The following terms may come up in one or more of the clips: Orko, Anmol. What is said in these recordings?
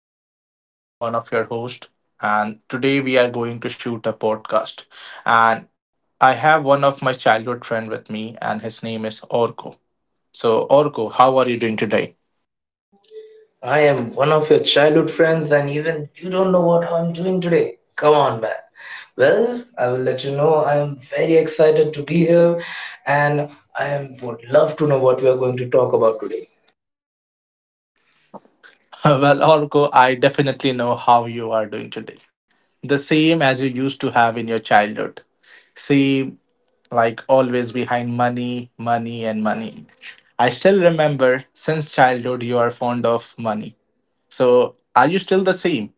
Danish, one of your hosts, and today we are going to shoot a podcast. And I have one of my childhood friend with me, and his name is Orko. So, Orko, how are you doing today? I am one of your childhood friends, and even you don't know what I'm doing today. Come on, man. Well, I will let you know. I am very excited to be here, and would love to know what we are going to talk about today. Well, Orko, I definitely know how you are doing today. The same as you used to have in your childhood. Same, like always behind money, money, and money. I still remember since childhood you are fond of money. So, are you still the same?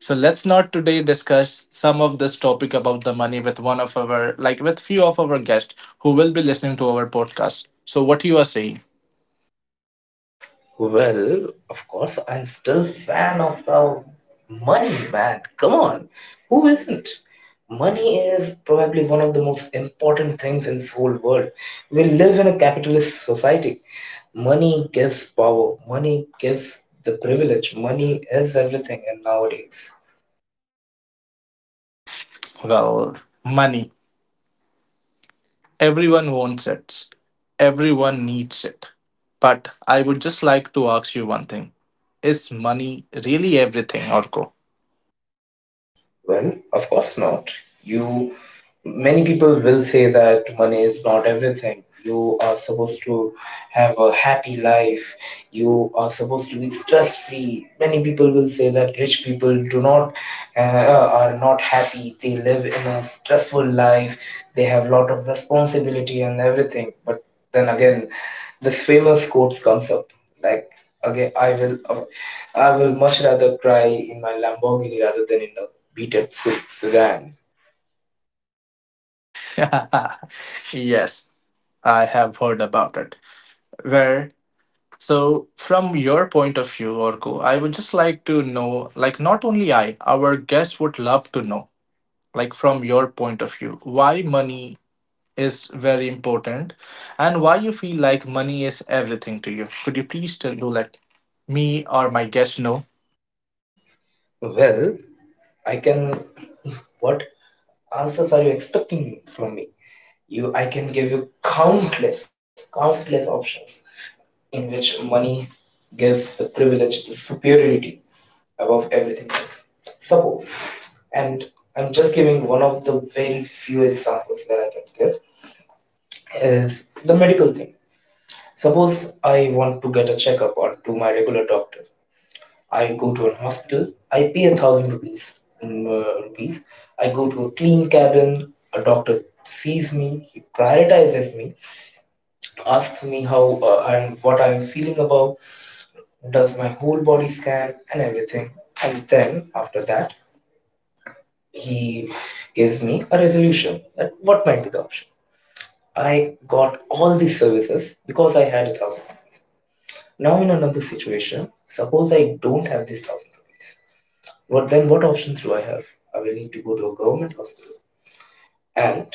So let's not today discuss some of this topic about the money with one of our like with few of our guests who will be listening to our podcast. So what you are saying? Well, of course, I'm still fan of the money, man. Come on, who isn't? Money is probably one of the most important things in this whole world. We live in a capitalist society. Money gives power. Money gives the privilege. Money is everything in nowadays. Well, money. Everyone wants it. Everyone needs it. But I would just like to ask you one thing. Is money really everything, Orko? Well, of course not. You many people will say that money is not everything. You are supposed to have a happy life. You are supposed to be stress free. Many people will say that rich people do not uh, are not happy. They live in a stressful life. They have lot of responsibility and everything. But then again, this famous quote comes up, like, again I will much rather cry in my Lamborghini rather than in a beat up Sudan. Yes, I have heard about it. Where So, from your point of view, Orko, I would just like to know, like, not only I, our guests would love to know, like, from your point of view, why money is very important and why you feel like money is everything to you. Could you please tell, do let me or my guest know? Well, I can. What answers are you expecting from me? I can give you countless, countless options in which money gives the privilege, the superiority above everything else. Suppose, and I'm just giving one of the very few examples that I can give is the medical thing. Suppose I want to get a checkup or to my regular doctor. I go to an hospital, I pay a thousand rupees. mm, uh, rupees. I go to a clean cabin. A doctor sees me. He prioritizes me. Asks me how and what I'm feeling about. Does my whole body scan and everything. And then after that, he gives me a resolution that what might be the option. I got all these services because I had a thousand rupees. Now in another situation, suppose I don't have this thousand rupees. What then? What options do I have? I will need to go to a government hospital, and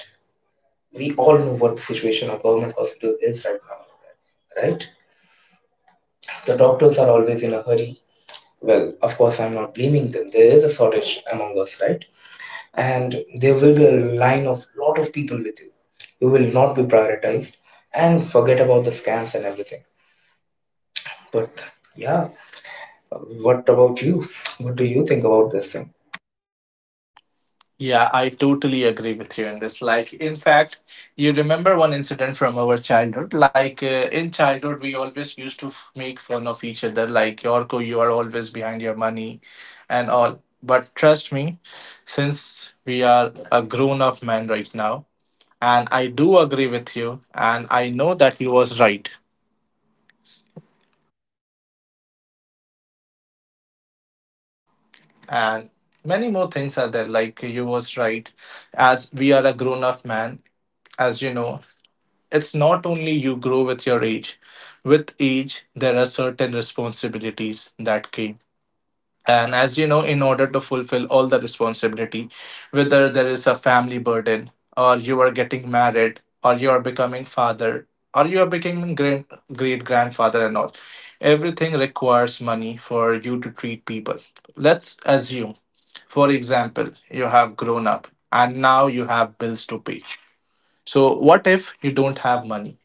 we all know what the situation of government hospital is right now, right? The doctors are always in a hurry. Well, of course, I'm not blaming them. There is a shortage among us, right? And there will be a line of lot of people with you. You will not be prioritized, and forget about the scams and everything. But yeah, what about you? What do you think about this thing? Yeah, I totally agree with you in this. Like, in fact, you remember one incident from our childhood. Like, in childhood, we always used to make fun of each other, like, Yorko, you are always behind your money and all. But trust me, since we are a grown up man right now, and I do agree with you, and I know that you was right. And many more things are there, like, you was right. As we are a grown up man, as you know, it's not only you grow with your age. With age, there are certain responsibilities that came. And as you know, in order to fulfill all the responsibility, whether there is a family burden, or you are getting married, or you are becoming father, or you are becoming great great grandfather and all, everything requires money for you to treat people. Let's assume, for example, you have grown up and now you have bills to pay. So, what if you don't have money,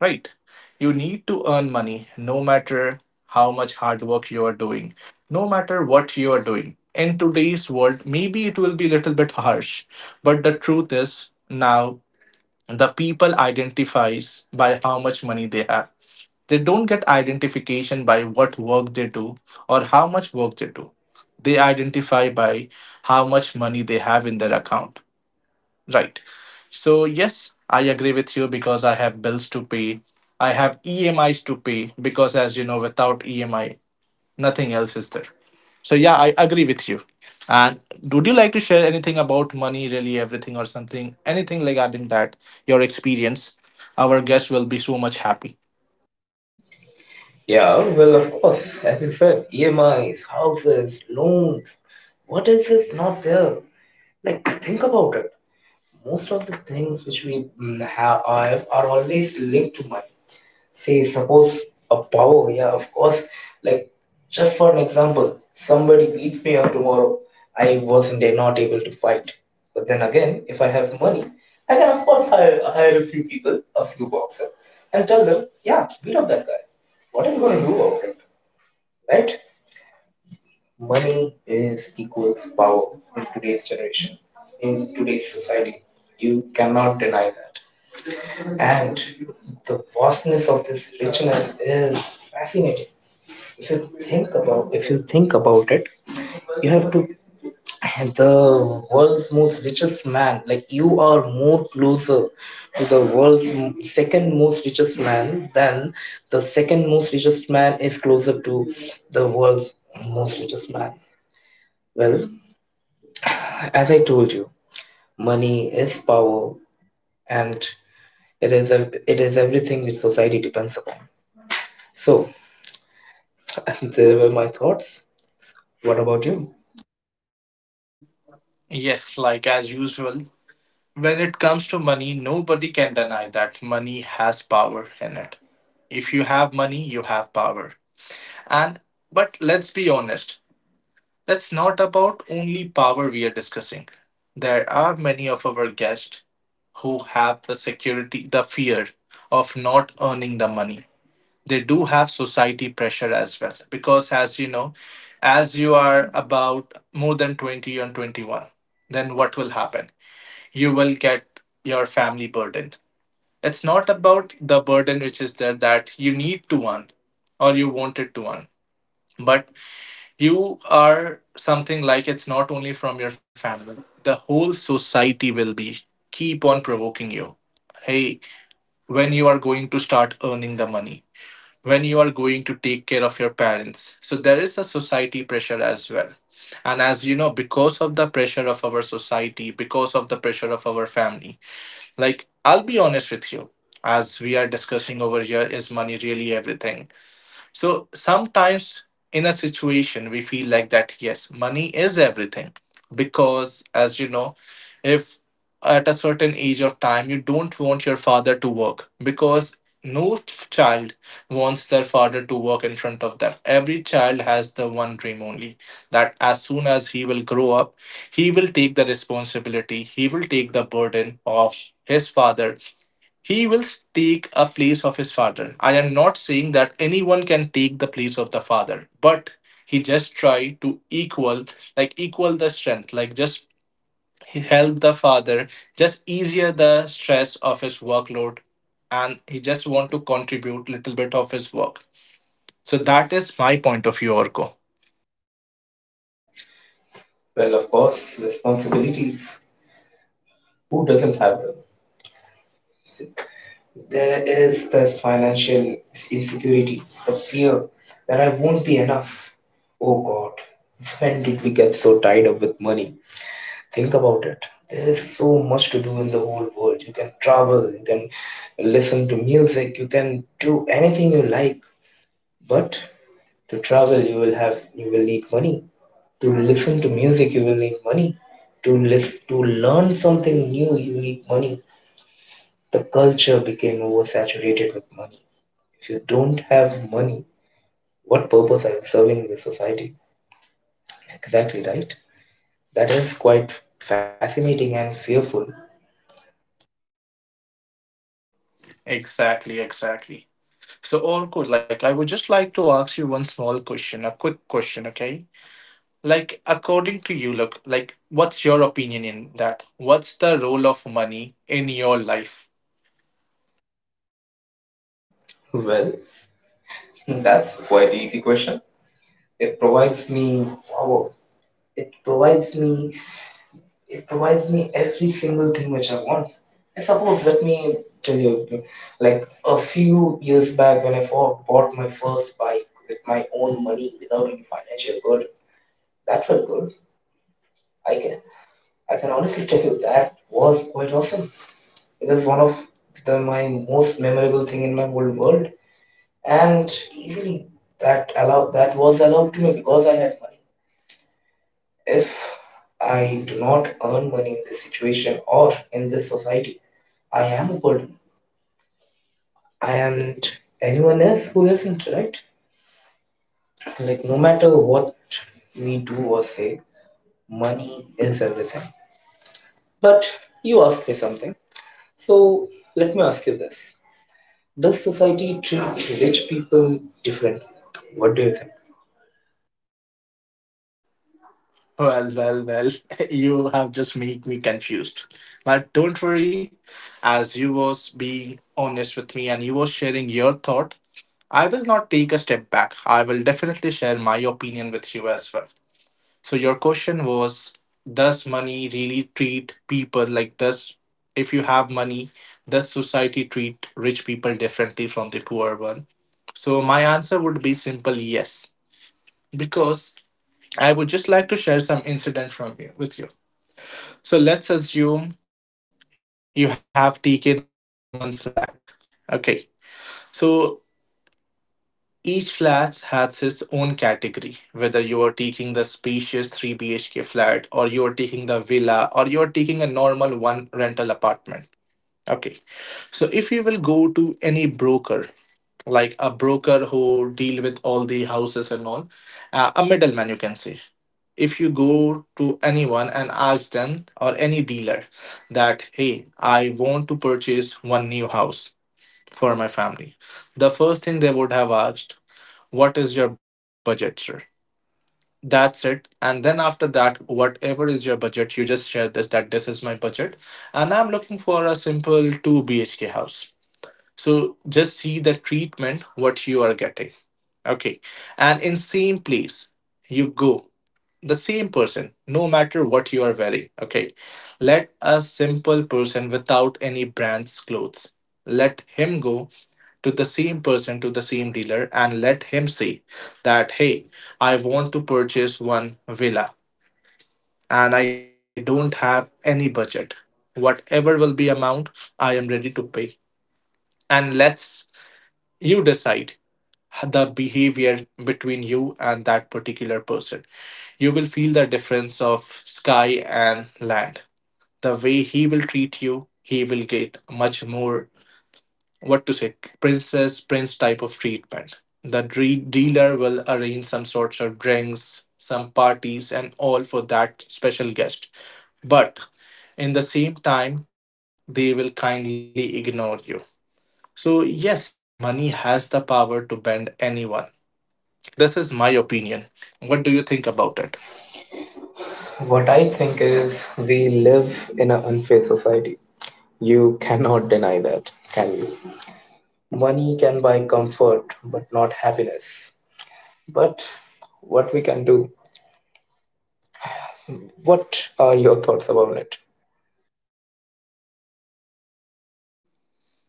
right? You need to earn money no matter how much hard work you are doing, no matter what you are doing. In today's world, maybe it will be a little bit harsh, but the truth is now the people identifies by how much money they have. They don't get identification by what work they do or how much work they do. They identify by how much money they have in their account, right? So, yes, I agree with you because I have bills to pay. I have EMIs to pay because, as you know, without EMI, nothing else is there. So, yeah, I agree with you. And would you like to share anything about money, really, everything, or something, anything regarding that, your experience? Our guest will be so much happy. Yeah, well, of course, as you said, EMIs, houses, loans. What else is not there? Like, think about it. Most of the things which we have are always linked to money. Say, suppose a power, yeah, of course. Like, just for an example, somebody beats me up tomorrow. I wasn't not able to fight. But then again, if I have money, I can, of course, hire a few people, a few boxers, and tell them, yeah, beat up that guy. What are you going to do about it? Right? Money is equals power in today's generation, in today's society. You cannot deny that. And the vastness of this richness is fascinating. If you think about it, you have to the world's most richest man, like, you are more closer to the world's second most richest man than the second most richest man is closer to the world's most richest man. Well, as I told you, money is power and it is everything which society depends upon. So, there were my thoughts. So, what about you? Yes, like as usual, when it comes to money, nobody can deny that money has power in it. If you have money, you have power. And but let's be honest, that's not about only power we are discussing. There are many of our guests who have the security, the fear of not earning the money. They do have society pressure as well. Because, as you know, as you are about more than 20 and 21, then what will happen? You will get your family burden. It's not about the burden which is there that you need to earn or you wanted to earn, but you are something like it's not only from your family, the whole society will be keep on provoking you. Hey, when you are going to start earning the money, when you are going to take care of your parents. So there is a society pressure as well. And as you know, because of the pressure of our society, because of the pressure of our family, like I'll be honest with you, as we are discussing over here, is money really everything? So sometimes in a situation, we feel like that, yes, money is everything. Because, as you know, if at a certain age of time, you don't want your father to work, because no child wants their father to work in front of them. Every child has the one dream only that as soon as he will grow up, he will take the responsibility, he will take the burden of his father, he will take a place of his father. I am not saying that anyone can take the place of the father, but he just try to equal, like equal the strength, like just help the father, just easier the stress of his workload, and he just want to contribute little bit of his work. So that is my point of view, Orko. Well, of course, responsibilities. Who doesn't have them? There is this financial insecurity, the fear that I won't be enough. Oh God, when did we get so tied up with money? Think about it. There is so much to do in the whole world. You can travel, you can listen to music, you can do anything you like. But to travel, you will need money. To listen to music, you will need money. To live, to learn something new, you need money. The culture became oversaturated with money. If you don't have money, what purpose are you serving the society? Exactly right. That is quite fascinating and fearful. Exactly, exactly. So Orko, like I would just like to ask you one small question, a quick question, okay? Like, according to you, look, like, what's your opinion in that? What's the role of money in your life? Well, that's quite easy question. It provides me wow. It provides me It provides me every single thing which I want. I suppose let me tell you, like, a few years back when I bought my first bike with my own money without any financial burden. That felt good. I can I can honestly tell you that was quite awesome. It was one of the my most memorable thing in my whole world. And easily that was allowed to me because I had money. If I do not earn money in this situation or in this society, I am a burden. I am anyone else who isn't, right? Like, no matter what we do or say, money is everything. But you asked me something. So, let me ask you this. Does society treat rich people differently? What do you think? Well, well, well, you have just made me confused. But don't worry, as you was being honest with me and you was sharing your thought, I will not take a step back. I will definitely share my opinion with you as well. So your question was, does money really treat people like does if you have money, does society treat rich people differently from the poor one? So my answer would be simple yes. Because I would just like to share some incident from you with you. So let's assume you have taken one flat. Okay. So each flat has its own category, whether you are taking the spacious 3 BHK flat, or you are taking the villa, or you are taking a normal one rental apartment. Okay, so if you will go to any broker, like a broker who deal with all the houses and all, a middleman you can say. If you go to anyone and ask them or any dealer that, hey, I want to purchase one new house for my family, the first thing they would have asked, what is your budget, sir? That's it. And then after that, whatever is your budget, you just share this that this is my budget. And I'm looking for a simple 2 BHK house. So just see the treatment, what you are getting. Okay. And in same place, you go. The same person, no matter what you are wearing. Okay. Let a simple person without any brands clothes. Let him go to the same person, to the same dealer, and let him say that, hey, I want to purchase one villa and I don't have any budget. Whatever will be amount, I am ready to pay. And let's you decide the behavior between you and that particular person. You will feel the difference of sky and land. The way he will treat you, he will get much more, what to say, princess prince type of treatment. The dealer will arrange some sorts of drinks, some parties, and all for that special guest. But in the same time, they will kindly ignore you. So, yes, money has the power to bend anyone. This is my opinion. What do you think about it? What I think is we live in an unfair society. You cannot deny that, can you? Money can buy comfort, but not happiness. But what we can do? What are your thoughts about it?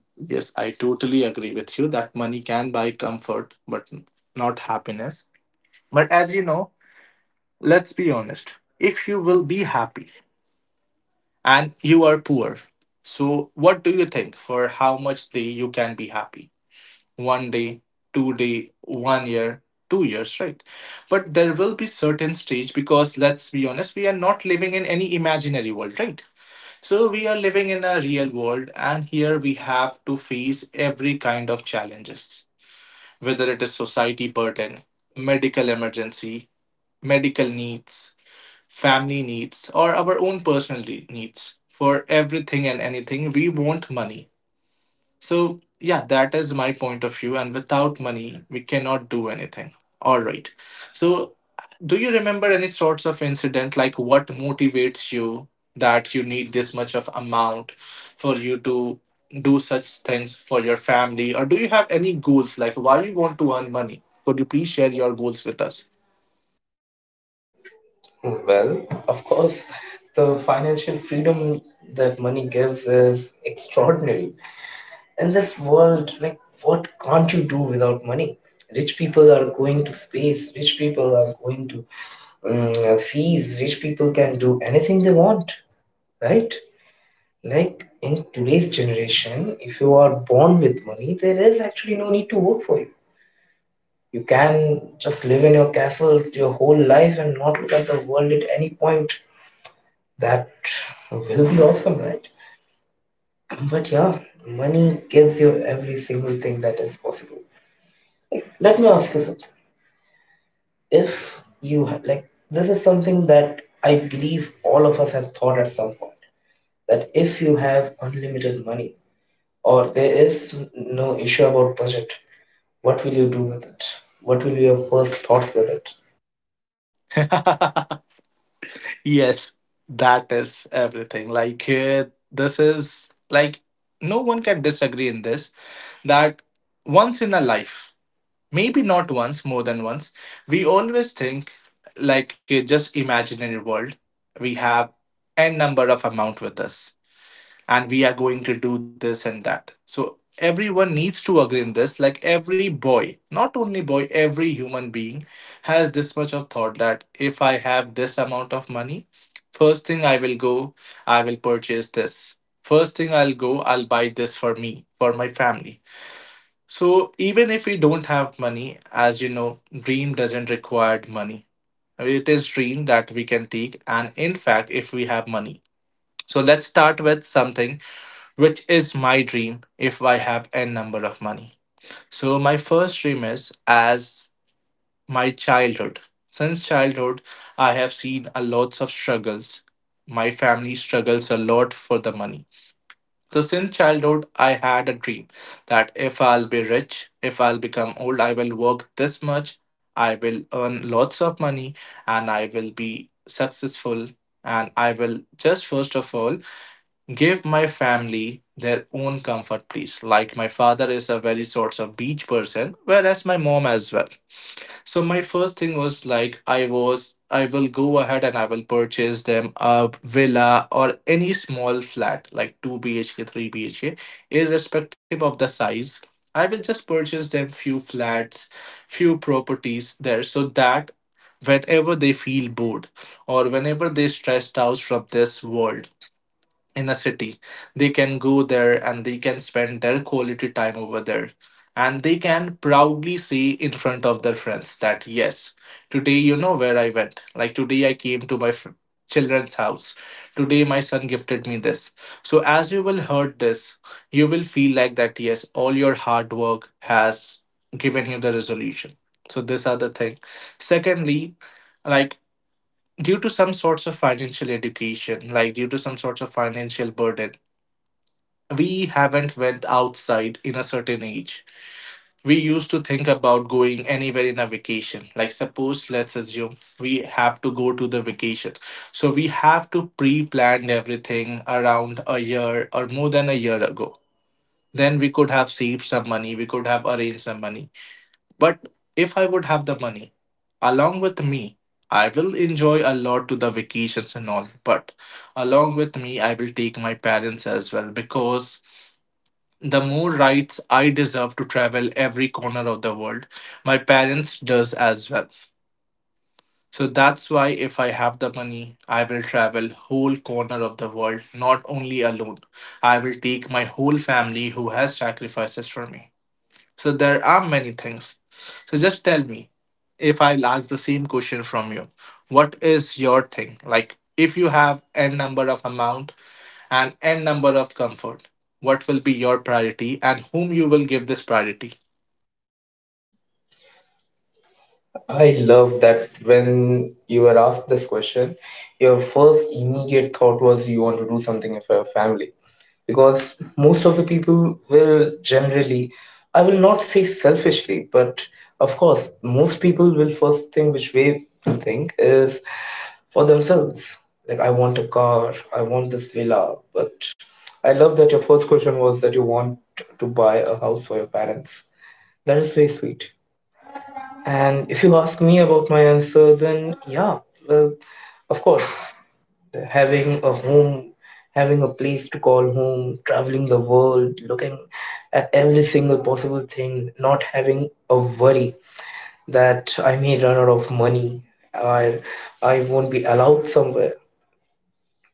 Yes, I totally agree with you that money can buy comfort, but not happiness. But as you know, let's be honest. If you will be happy, and you are poor. So, what do you think for how much day you can be happy? One day, two day, one year, two years, right? But there will be certain stage because let's be honest, we are not living in any imaginary world, right? So we are living in a real world, and here we have to face every kind of challenges, whether it is society burden, medical emergency, medical needs, family needs, or our own personal needs. For everything and anything, we want money. So, yeah, that is my point of view. And without money, we cannot do anything. All right. So, do you remember any sorts of incident like what motivates you that you need this much of amount for you to do such things for your family? Or do you have any goals like why you want to earn money? Could you please share your goals with us? Well, of course, the financial freedom that money gives is extraordinary. In this world, like, what can't you do without money? Rich people are going to space, rich people are going to seas, rich people can do anything they want, right? Like, in today's generation, if you are born with money, there is actually no need to work for you. You can just live in your castle your whole life and not look at the world at any point. That will be awesome, right? But yeah, money gives you every single thing that is possible. Like, let me ask you something. If you ha- Like, this is something that I believe all of us have thought at some point, that if you have unlimited money or there is no issue about budget, what will you do with it? What will be your first thoughts with it? Yes, that is everything. Like, this is like no one can disagree in this that once in a life, maybe not once, more than once, we always think like just imaginary world. We have n number of amount with us and we are going to do this and that. So everyone needs to agree in this. Like every boy, not only boy, every human being has this much of thought that if I have this amount of money, first thing I will go, I will purchase this. First thing I'll go, I'll buy this for me, for my family. So even if we don't have money, as you know, dream doesn't require money. It is dream that we can take, and in fact, if we have money. So let's start with something which is my dream if I have n number of money. So my first dream is as my childhood. Since childhood, I have seen a lots of struggles. My family struggles a lot for the money. So since childhood, I had a dream that if I'll be rich, if I'll become old, I will work this much, I will earn lots of money, and I will be successful. And I will just first of all give my family their own comfort, please. Like, my father is a very sorts of beach person, whereas my mom as well. So, my first thing was like, I will go ahead and I will purchase them a villa or any small flat, like 2 BHK, 3 BHK, irrespective of the size. I will just purchase them few flats, few properties there so that whenever they feel bored or whenever they stressed out from this world in a city, they can go there and they can spend their quality time over there, and they can proudly say in front of their friends that yes, today where I went. Like today I came to my children's house, today my son gifted me this. So as you will heard this, you will feel like that yes, all your hard work has given you the resolution. So these are the thing. Secondly, like, due to some sorts of financial education, like due to some sorts of financial burden, we haven't went outside in a certain age. We used to think about going anywhere in a vacation. Like suppose let's assume we have to go to the vacation. So we have to pre-plan everything around a year or more than a year ago. Then we could have saved some money, we could have arranged some money. But if I would have the money along with me, I will enjoy a lot to the vacations and all. But along with me, I will take my parents as well because the more rights I deserve to travel every corner of the world, my parents does as well. So that's why if I have the money, I will travel whole corner of the world, not only alone. I will take my whole family who has sacrifices for me. So there are many things. So just tell me if I'll ask the same question from you. What is your thing? Like if you have n number of amount and n number of comfort, what will be your priority and whom you will give this priority? I love that when you were asked this question, your first immediate thought was you want to do something for your family. Because most of the people will generally, I will not say selfishly, but of course, most people will first thing which way to think is for themselves. Like, I want a car, I want this villa. But I love that your first question was that you want to buy a house for your parents. That is very sweet. And if you ask me about my answer, then yeah, well, of course, having a home, having a place to call home, traveling the world, looking at every single possible thing, not having a worry that I may run out of money or I won't be allowed somewhere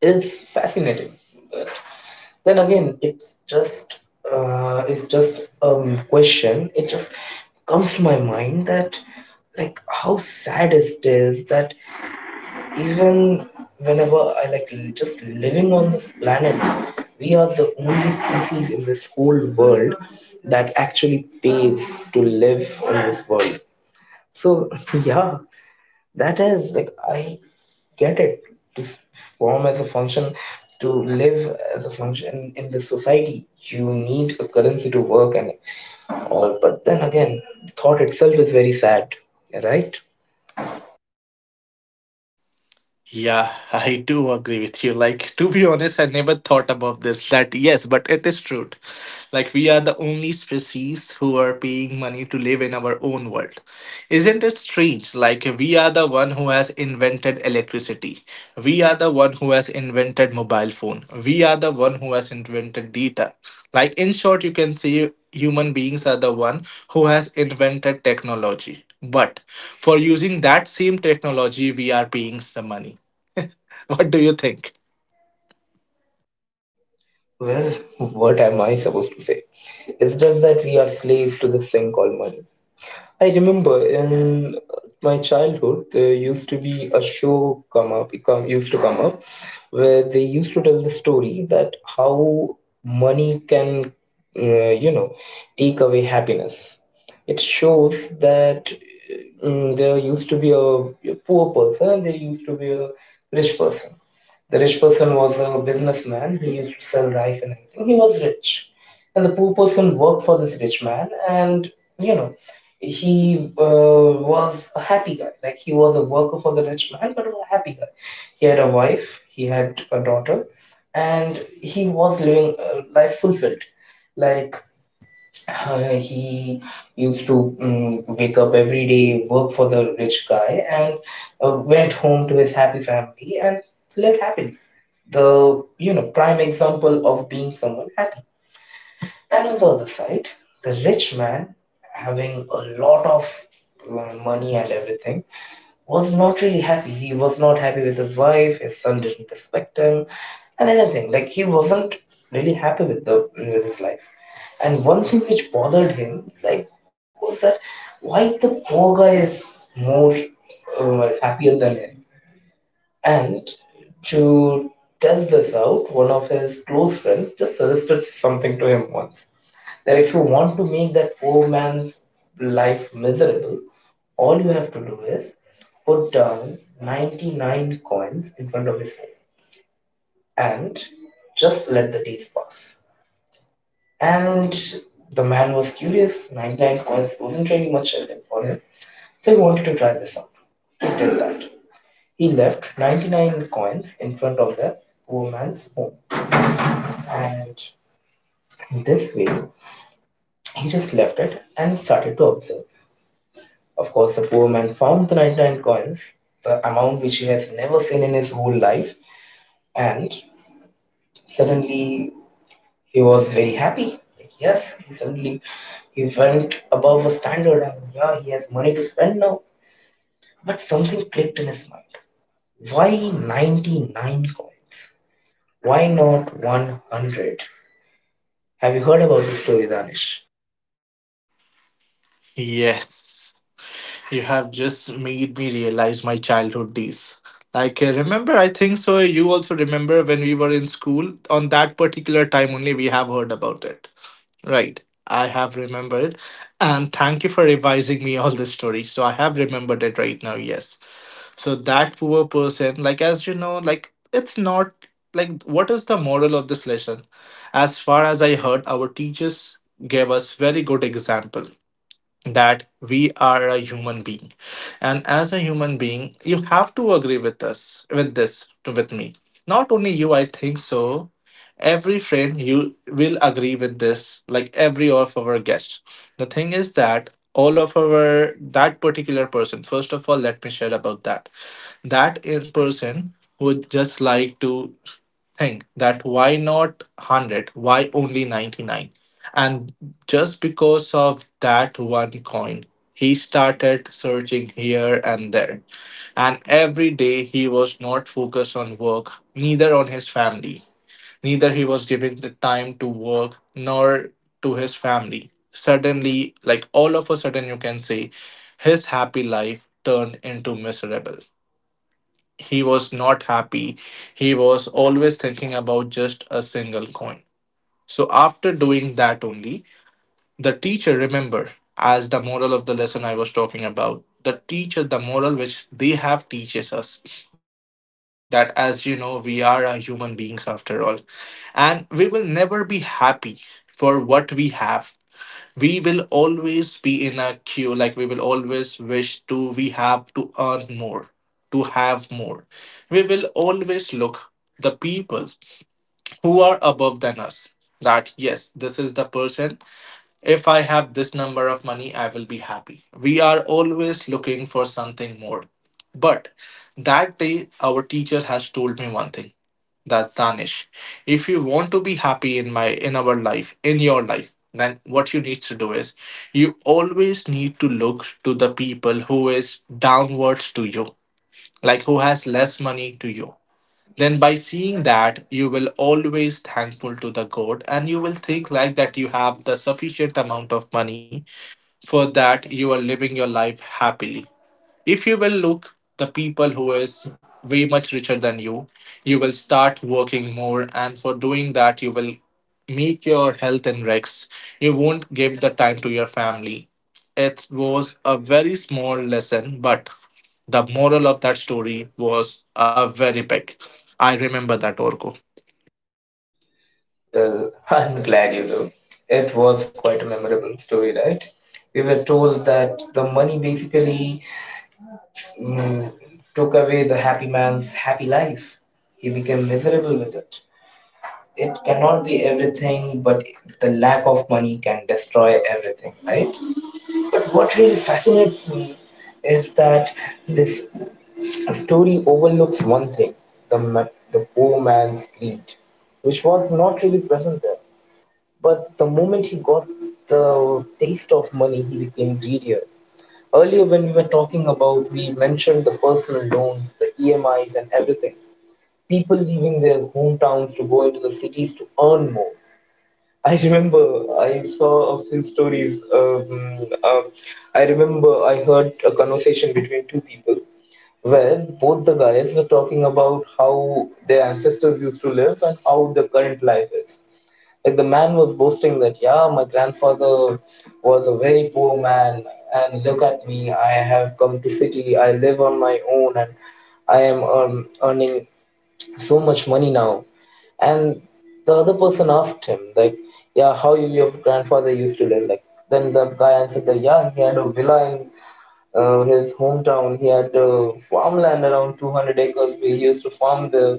is fascinating. Then again, it's just question. It just comes to my mind that, like, how sad it is that even whenever I, just living on this planet, we are the only species in this whole world that actually pays to live on this world. So yeah, that is, like, I get it. To form as a function to live as a function in this society, you need a currency to work and all. But then again, the thought itself is very sad, right? Yeah, I do agree with you. Like, to be honest, I never thought about this. That, yes, but it is true. Like, we are the only species who are paying money to live in our own world. Isn't it strange? Like, we are the one who has invented electricity. We are the one who has invented mobile phone. We are the one who has invented data. Like, in short, you can say human beings are the one who has invented technology. But for using that same technology, we are paying the money. What do you think? Well, what am I supposed to say? It's just that we are slaves to this thing called money. I remember in my childhood there used to be a show come up come used to come up where they used to tell the story that how money can uh, you know take away happiness. It shows that, there used to be a poor person and there used to be a rich person. The rich person was a businessman. He used to sell rice and everything. He was rich. And the poor person worked for this rich man and, you know, he was a happy guy. Like, he was a worker for the rich man, but was a happy guy. He had a wife, he had a daughter, and he was living a life fulfilled. Like, he used to wake up every day, work for the rich guy, and went home to his happy family and lived happily. The prime example of being someone happy. And on the other side, the rich man, having a lot of money and everything, was not really happy. He was not happy with his wife, his son didn't respect him, and anything. Like, he wasn't really happy with his life. And one thing which bothered him, like, was that why the poor guy is more happier than him. And to test this out, one of his close friends just suggested something to him once that if you want to make that poor man's life miserable, all you have to do is put down 99 coins in front of his home and just let the days pass. And the man was curious, 99 coins wasn't really much for him, so he wanted to try this out. He did that. He left 99 coins in front of the poor man's home, and this way he just left it and started to observe. Of course, the poor man found the 99 coins, the amount which he has never seen in his whole life, and suddenly he was very happy. Like, yes, he suddenly he went above a standard, and yeah, he has money to spend now. But something clicked in his mind. Why 99 coins? Why not 100? Have you heard about this story, Danish? Yes, you have just made me realize my childhood days. Like, remember, I think so. You also remember when we were in school, on that particular time only, we have heard about it. Right. I have remembered. And thank you for revising me all this story. So I have remembered it right now, yes. So that poor person, like like it's not, like what is the moral of this lesson? As far as I heard, our teachers gave us very good example, that we are a human being, and as a human being you have to agree with us with this, to with me, not only you, I think so, every friend you will agree with this, like every of our guests. The thing is that all of our that particular person, first of all let me share about that, that is person who would just like to think that why not 100? Why only 99? And just because of that one coin, he started searching here and there. And every day he was not focused on work, neither on his family. Neither he was giving the time to work nor to his family. Suddenly, like all of a sudden, you can say his happy life turned into miserable. He was not happy. He was always thinking about just a single coin. So after doing that only, the teacher, remember, as the moral of the lesson I was talking about. The teacher, the moral which they have teaches us that as you know, we are human beings after all, and we will never be happy for what we have. We will always be in a queue, like we will always wish to, we have to earn more to have more. We will always look the people who are above than us, that yes, this is the person, if I have this number of money, I will be happy. We are always looking for something more. But that day, our teacher has told me one thing that Danish, if you want to be happy in my, in our life, in your life, then what you need to do is you always need to look to the people who is downwards to you, like who has less money to you. Then by seeing that, you will always thankful to the god and you will think like that you have the sufficient amount of money, for that you are living your life happily. If you will look the people who is way much richer than you, you will start working more, and for doing that you will make your health and Rex. You won't give the time to your family. It was a very small lesson, but the moral of that story was a very big. I remember that, Orko. Well, I'm glad you do. It was quite a memorable story, right? We were told that the money basically mm, took away the happy man's happy life. He became miserable with it. It cannot be everything, but the lack of money can destroy everything, right? But what really fascinates me is that this story overlooks one thing, the poor man's greed, which was not really present there. But the moment he got the taste of money, he became greedy. Earlier, when we were talking about, we mentioned the personal loans, the EMIs, and everything. People leaving their hometowns to go into the cities to earn more. I remember I saw a few stories. I remember I heard a conversation between two people where both the guys were talking about how their ancestors used to live and how the current life is. Like the man was boasting that, yeah, my grandfather was a very poor man, and look at me, I have come to city, I live on my own, and I am earning so much money now. And the other person asked him, like, yeah, your grandfather used to live. Like, then the guy answered that, yeah, he had a villa in his hometown. He had farmland around 200 acres. We used to farm there.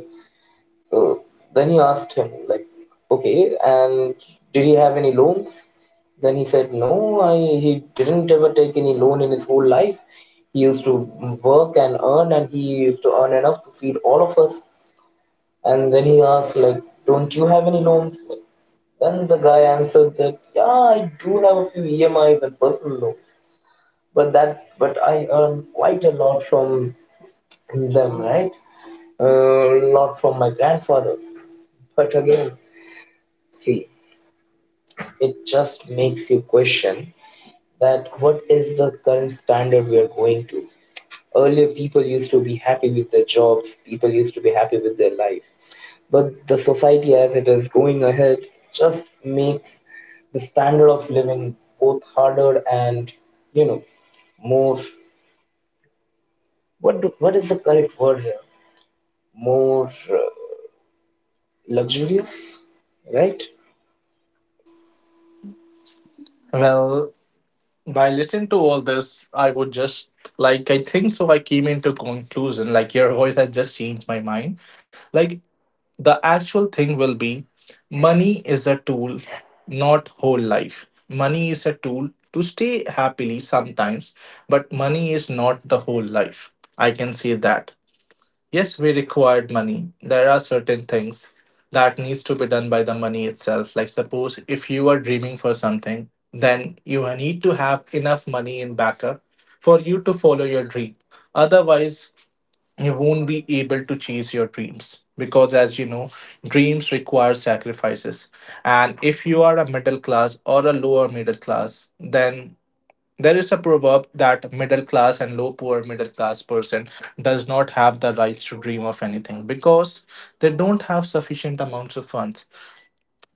So then he asked him, like, okay, and did he have any loans? Then he said, he didn't ever take any loan in his whole life. He used to work and earn, and he used to earn enough to feed all of us. And then he asked, like, don't you have any loans? Then the guy answered that, yeah, I do have a few EMIs and personal loans, but I earn quite a lot from them, right? A lot from my grandfather. But again, see, it just makes you question that what is the current standard we are going to? Earlier, people used to be happy with their jobs, people used to be happy with their life. But the society as it is going ahead just makes the standard of living both harder and, you know, more. What is the correct word here? More luxurious, right? Well, by listening to all this, I would just like, I think so, I came into conclusion like your voice had just changed my mind. Like the actual thing will be money is a tool, not whole life. Money is a tool to stay happily sometimes, but money is not the whole life. I can say that yes, we required money. There are certain things that needs to be done by the money itself. Like suppose if you are dreaming for something, then you need to have enough money in backup for you to follow your dream. Otherwise you won't be able to chase your dreams because as you know, dreams require sacrifices. And if you are a middle class or a lower middle class, then there is a proverb that middle class and low poor middle class person does not have the rights to dream of anything because they don't have sufficient amounts of funds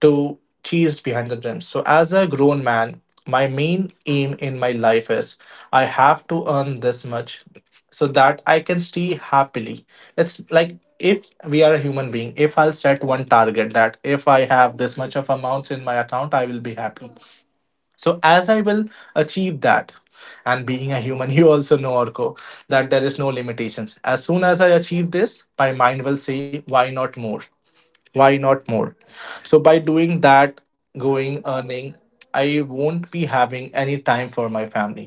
to cheese behind the dreams. So as a grown man, my main aim in my life is I have to earn this much so that I can stay happily. It's like if we are a human being, if I'll set one target that if I have this much of amounts in my account, I will be happy. So as I will achieve that, and being a human, you also know Orko that there is no limitations. As soon as I achieve this, my mind will say, why not more? Why not more? So by doing that, going earning, I won't be having any time for my family.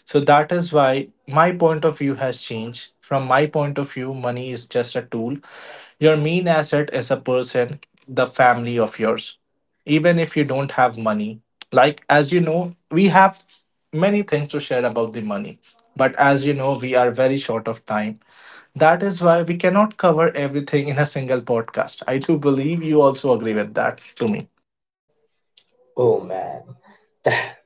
So that is why my point of view has changed. From my point of view, money is just a tool. Your main asset is a person, the family of yours. Even if you don't have money, like as you know, we have many things to share about the money, but as you know, we are very short of time. That is why we cannot cover everything in a single podcast. I do believe you also agree with that to me. Oh man, that,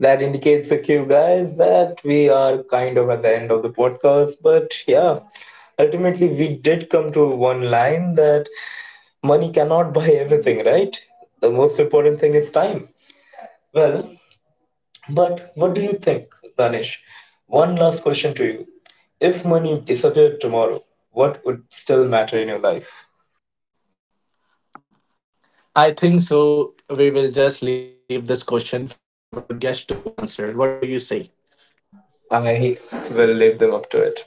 that indicates a cue, guys, that we are kind of at the end of the podcast. But yeah, ultimately, we did come to one line that money cannot buy everything, right? The most important thing is time. Well, but what do you think, Danish? One last question to you. If money disappeared tomorrow, what would still matter in your life? I think so. We will just leave this question for our guest to answer. What do you say? I will live them up to it.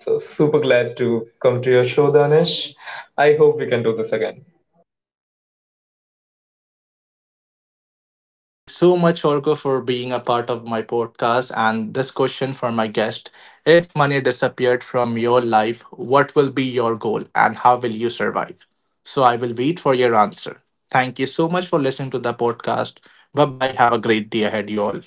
So super glad to come to your show, Danish. I hope we can do this again. Okay, thank you so much, Orko, for being a part of my podcast. And this question for my guest: if money disappeared from your life, what will be your goal and how will you survive? So I will wait for your answer. Thank you so much for listening to the podcast. Bye bye. Have a great day ahead, you all.